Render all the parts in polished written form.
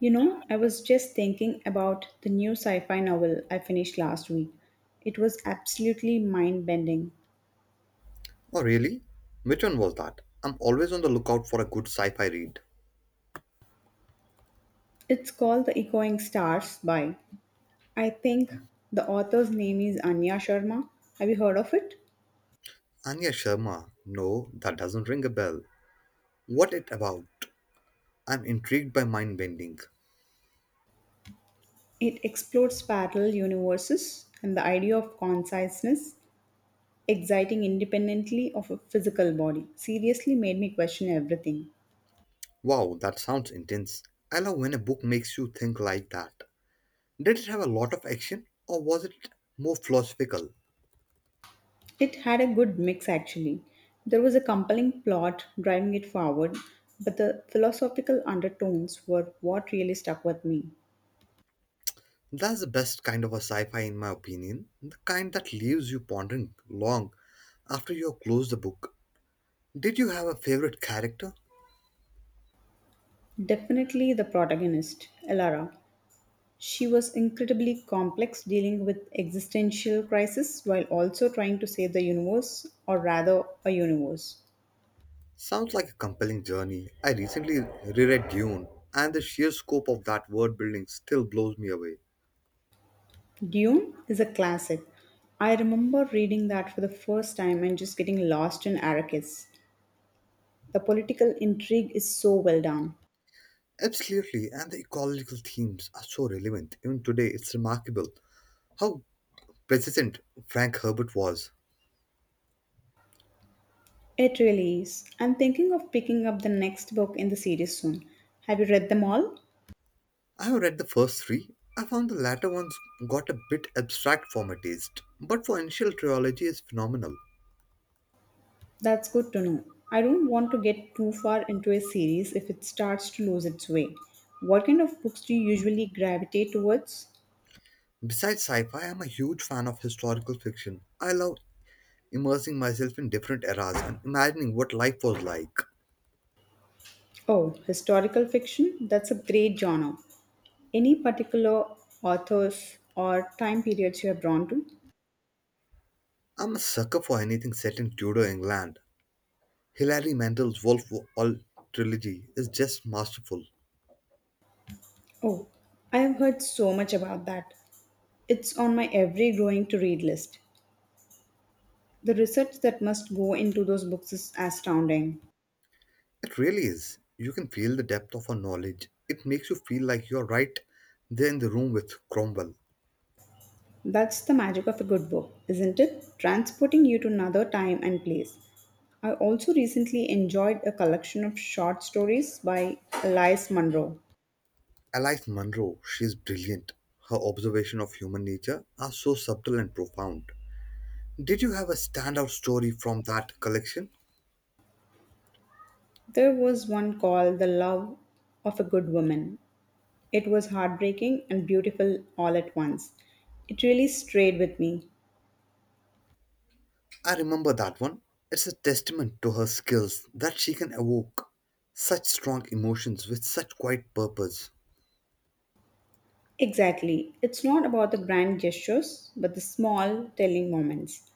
You know, I was just thinking about the new sci fi novel I finished last week. It was absolutely mind bending. Oh, really? Which one was that? I'm always on the lookout for a good sci fi read. It's called The Echoing Stars by, I think the author's name is Anya Sharma. Have you heard of it? Anya Sharma. No, that doesn't ring a bell. What it about? I'm intrigued by mind bending. It explores parallel universes and the idea of consciousness, exciting independently of a physical body. Seriously made me question everything. Wow, that sounds intense. I love when a book makes you think like that. Did it have a lot of action or was it more philosophical? It had a good mix actually. There was a compelling plot driving it forward, but the philosophical undertones were what really stuck with me. That's the best kind of a sci fi, in my opinion. The kind that leaves you pondering long after you have closed the book. Did you have a favorite character? Definitely the protagonist, Elara. She was incredibly complex, dealing with existential crisis while also trying to save the universe, or rather, a universe. Sounds like a compelling journey. I recently reread Dune, and the sheer scope of that world building still blows me away. Dune is a classic. I remember reading that for the first time and just getting lost in Arrakis. The political intrigue is so well done. Absolutely, and the ecological themes are so relevant. Even today, it's remarkable how persistent Frank Herbert was. It really is. I'm thinking of picking up the next book in the series soon. Have you read them all? I have read the first three. I found the latter ones got a bit abstract for my taste, but for initial trilogy is phenomenal. That's good to know. I don't want to get too far into a series if it starts to lose its way. What kind of books do you usually gravitate towards? Besides sci-fi, I'm a huge fan of historical fiction. I love immersing myself in different eras and imagining what life was like. Oh, historical fiction? That's a great genre. Any particular authors or time periods you are drawn to? I'm a sucker for anything set in Tudor England. Hilary Mantel's Wolf All trilogy is just masterful. Oh, I have heard so much about that. It's on my every growing to read list. The research that must go into those books is astounding. It really is. You can feel the depth of her knowledge. It makes you feel like you're right there in the room with Cromwell. That's the magic of a good book, isn't it? Transporting you to another time and place. I also recently enjoyed a collection of short stories by Elias Munro. Alice Munro, she's brilliant. Her observation of human nature are so subtle and profound. Did you have a standout story from that collection? There was one called The Love of a Good Woman. It was heartbreaking and beautiful all at once. It really stayed with me. I remember that one. It's a testament to her skills that she can evoke such strong emotions with such quiet purpose. Exactly. It's not about the grand gestures, but the small, telling moments.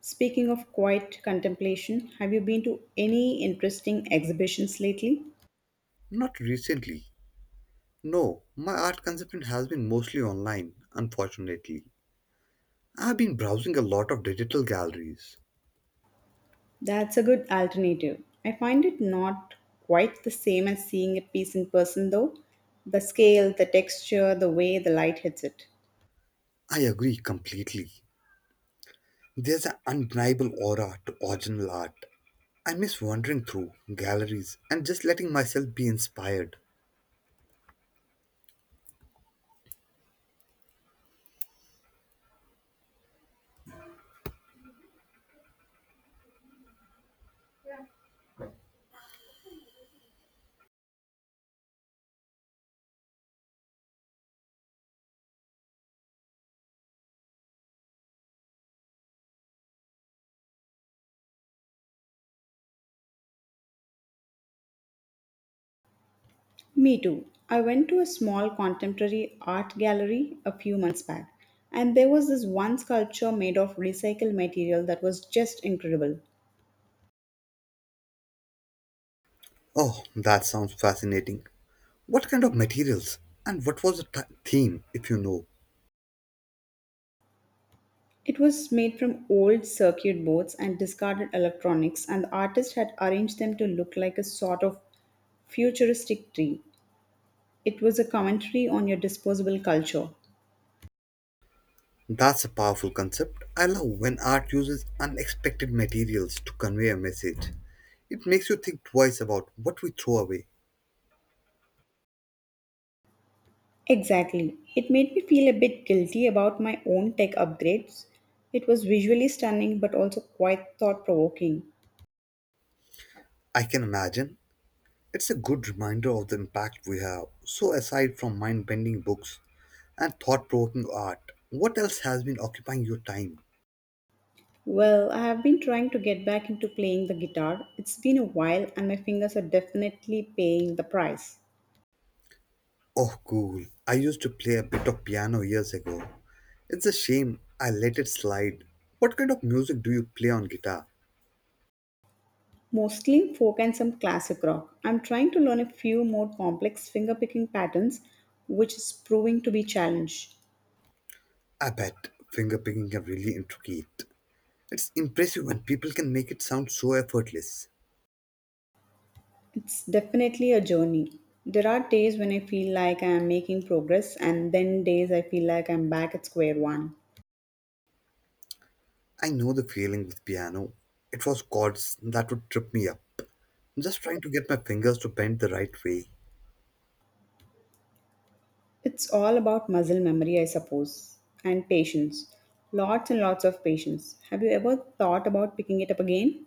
Speaking of quiet contemplation, have you been to any interesting exhibitions lately? Not recently. No, my art consumption has been mostly online, unfortunately. I've been browsing a lot of digital galleries. That's a good alternative. I find it not quite the same as seeing a piece in person, though. The scale, the texture, the way the light hits it. I agree completely. There's an undeniable aura to original art. I miss wandering through galleries and just letting myself be inspired. Me too. I went to a small contemporary art gallery a few months back, and there was this one sculpture made of recycled material that was just incredible. Oh, that sounds fascinating. What kind of materials and what was the theme, if you know? It was made from old circuit boards and discarded electronics, and the artist had arranged them to look like a sort of futuristic tree. It was a commentary on your disposable culture. That's a powerful concept. I love when art uses unexpected materials to convey a message. It makes you think twice about what we throw away. Exactly. It made me feel a bit guilty about my own tech upgrades. It was visually stunning but also quite thought provoking. I can imagine it's a good reminder of the impact we have. So, aside from mind bending books and thought provoking art, what else has been occupying your time? Well, I have been trying to get back into playing the guitar. It's been a while and my fingers are definitely paying the price. Oh, cool. I used to play a bit of piano years ago. It's a shame I let it slide. What kind of music do you play on guitar? Mostly folk and some classic rock. I'm trying to learn a few more complex fingerpicking patterns, which is proving to be challenge. I bet Fingerpicking can really intricate. It's impressive when people can make it sound so effortless. It's definitely a journey. There are days when I feel like I am making progress, and then days I feel like I'm back at square one. I know the feeling with piano. It was chords that would trip me up, just trying to get my fingers to bend the right way. It's all about muscle memory, I suppose, and patience. Lots and lots of patience. Have you ever thought about picking it up again?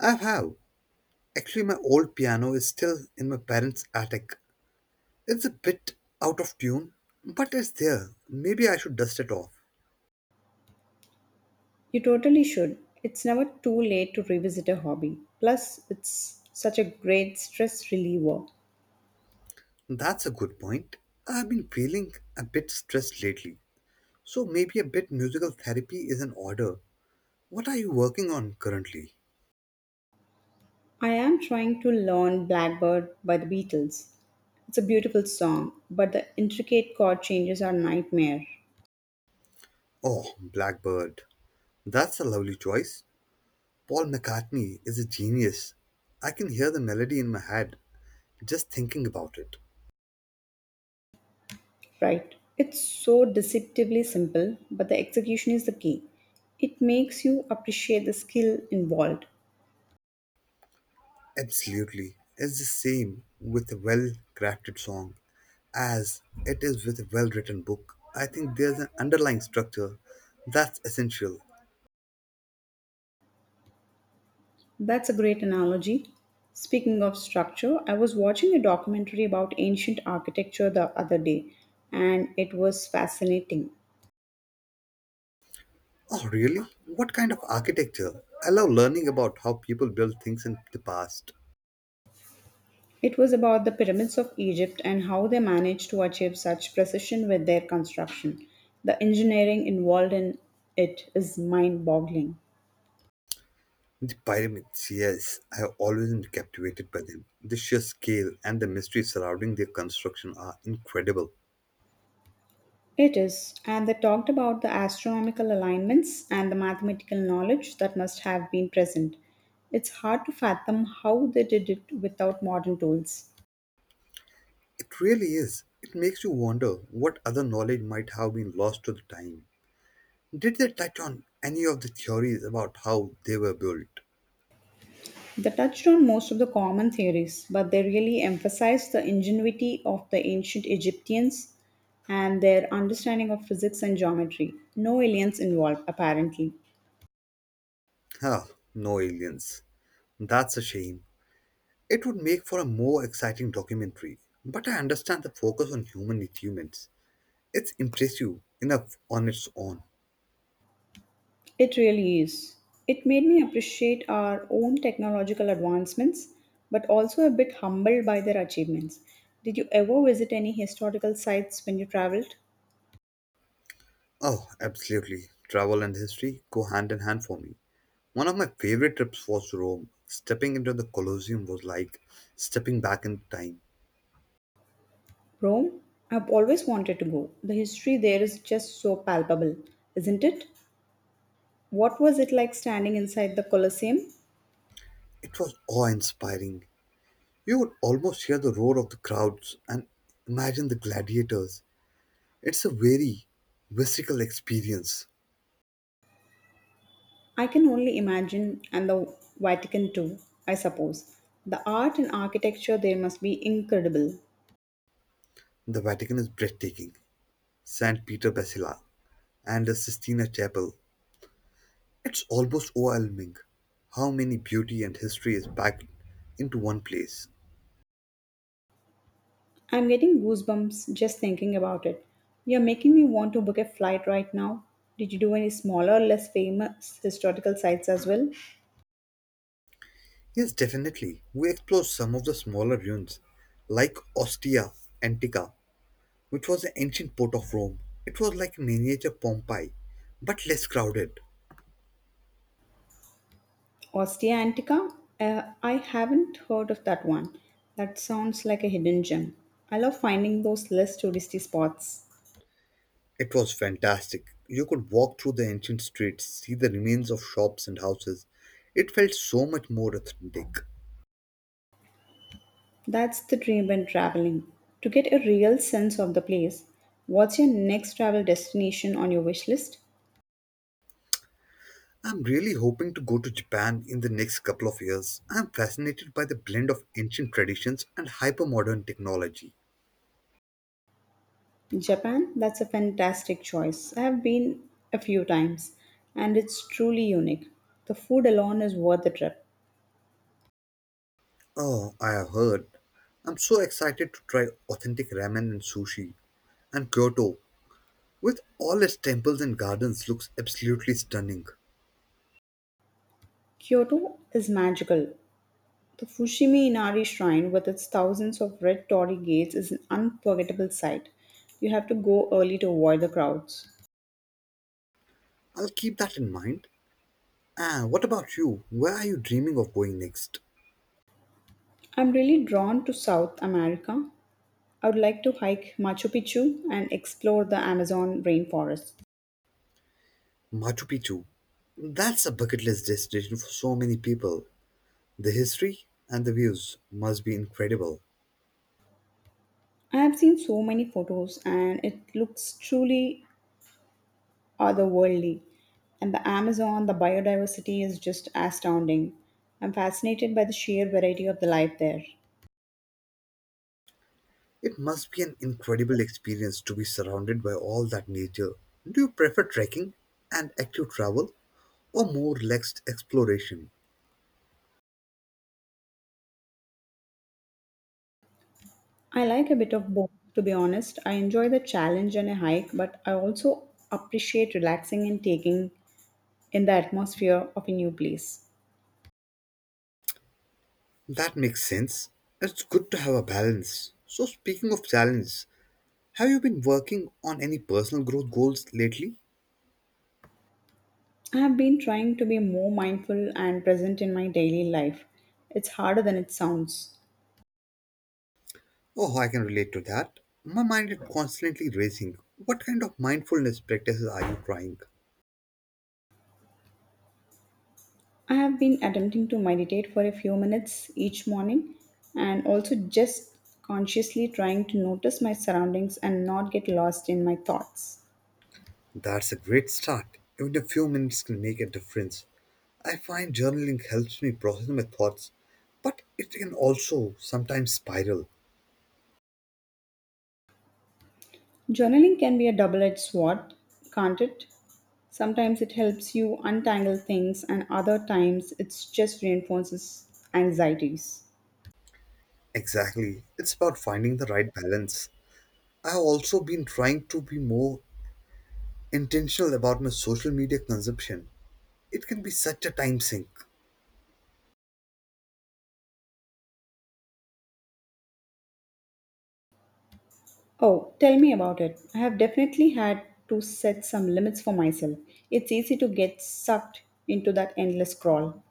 I have. Actually, my old piano is still in my parents' attic. It's a bit out of tune, but it's there. Maybe I should dust it off. You totally should. It's never too late to revisit a hobby. Plus, it's such a great stress reliever. That's a good point. I've been feeling a bit stressed lately, so maybe a bit musical therapy is in order. What are you working on currently? I am trying to learn Blackbird by the Beatles. It's a beautiful song, but the intricate chord changes are nightmare. Oh, Blackbird. That's a lovely choice. Paul McCartney is a genius. I can hear the melody in my head just thinking about it. Right. It's so deceptively simple, but the execution is the key. It makes you appreciate the skill involved. Absolutely. It's the same with a well crafted song as it is with a well written book. I think there's an underlying structure that's essential. That's a great analogy. Speaking of structure, I was watching a documentary about ancient architecture the other day, and it was fascinating. Oh, really? What kind of architecture? I love learning about how people built things in the past. It was about the pyramids of Egypt and how they managed to achieve such precision with their construction. The engineering involved in it is mind boggling. The pyramids, yes, I have always been captivated by them. The sheer scale and the mystery surrounding their construction are incredible. It is, and they talked about the astronomical alignments and the mathematical knowledge that must have been present. It's hard to fathom how they did it without modern tools. It really is. It makes you wonder what other knowledge might have been lost to the time. Did they touch on any of the theories about how they were built? They touched on most of the common theories, but they really emphasized the ingenuity of the ancient Egyptians and their understanding of physics and geometry. No aliens involved, apparently. Ah, no aliens. That's a shame. It would make for a more exciting documentary. But I understand the focus on human achievements. It's impressive enough on its own. It really is. It made me appreciate our own technological advancements, but also a bit humbled by their achievements. Did you ever visit any historical sites when you traveled? Oh, absolutely. Travel and history go hand in hand for me. One of my favorite trips was Rome. Stepping into the Colosseum was like stepping back in time. Rome? I've always wanted to go. The history there is just so palpable, isn't it? What was it like standing inside the Colosseum? It was awe inspiring. You could almost hear the roar of the crowds and imagine the gladiators. It's a very visceral experience. I can only imagine, and the Vatican too, I suppose. The art and architecture there must be incredible. The Vatican is breathtaking. St. Peter Basilica and the Sistina Chapel. It's almost overwhelming how many beauty and history is packed into one place. I'm getting goosebumps just thinking about it. You're making me want to book a flight right now. Did you do any smaller, or less famous historical sites as well? Yes, definitely. We explore some of the smaller ruins, like Ostia Antica, which was an ancient port of Rome. It was like miniature Pompeii, but less crowded. Ostia Antica? I haven't heard of that one. That sounds like a hidden gem. I love finding those less touristy spots. It was fantastic. You could walk through the ancient streets, see the remains of shops and houses. It felt so much more authentic. That's the dream when traveling. To get a real sense of the place, what's your next travel destination on your wish list? I'm really hoping to go to Japan in the next couple of years. I'm fascinated by the blend of ancient traditions and hypermodern technology. Japan, that's a fantastic choice. I have been a few times and it's truly unique. The food alone is worth the trip. Oh, I have heard. I'm so excited to try authentic ramen and sushi. And Kyoto, with all its temples and gardens, looks absolutely stunning. Kyoto is magical. The Fushimi Inari Shrine with its thousands of red torii gates is an unforgettable sight. You have to go early to avoid the crowds. I'll keep that in mind. Ah, what about you? Where are you dreaming of going next? I'm really drawn to South America. I would like to hike Machu Picchu and explore the Amazon rainforest. Machu Picchu. That's a bucket list destination for so many people. The history and the views must be incredible. I have seen so many photos and it looks truly otherworldly. And the Amazon, the biodiversity is just astounding. I'm fascinated by the sheer variety of the life there. It must be an incredible experience to be surrounded by all that nature. Do you prefer trekking and active travel or more relaxed exploration? I like a bit of both, to be honest. I enjoy the challenge and a hike, but I also appreciate relaxing and taking in the atmosphere of a new place. That makes sense. It's good to have a balance. So, speaking of challenge, have you been working on any personal growth goals lately? I have been trying to be more mindful and present in my daily life. It's harder than it sounds. Oh, I can relate to that. My mind is constantly racing. What kind of mindfulness practices are you trying? I have been attempting to meditate for a few minutes each morning and also just consciously trying to notice my surroundings and not get lost in my thoughts. That's a great start. Even a few minutes can make a difference. I find journaling helps me process my thoughts, but it can also sometimes spiral. Journaling can be a double edged sword, can't it? Sometimes it helps you untangle things, and other times it just reinforces anxieties. Exactly. It's about finding the right balance. I've also been trying to be more intentional about my social media consumption. It can be such a time sink. Oh, tell me about it. I have definitely had to set some limits for myself. It's easy to get sucked into that endless crawl.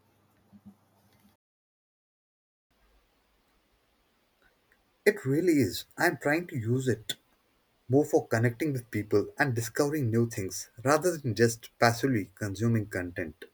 It really is. I'm trying to use it more for connecting with people and discovering new things rather than just passively consuming content.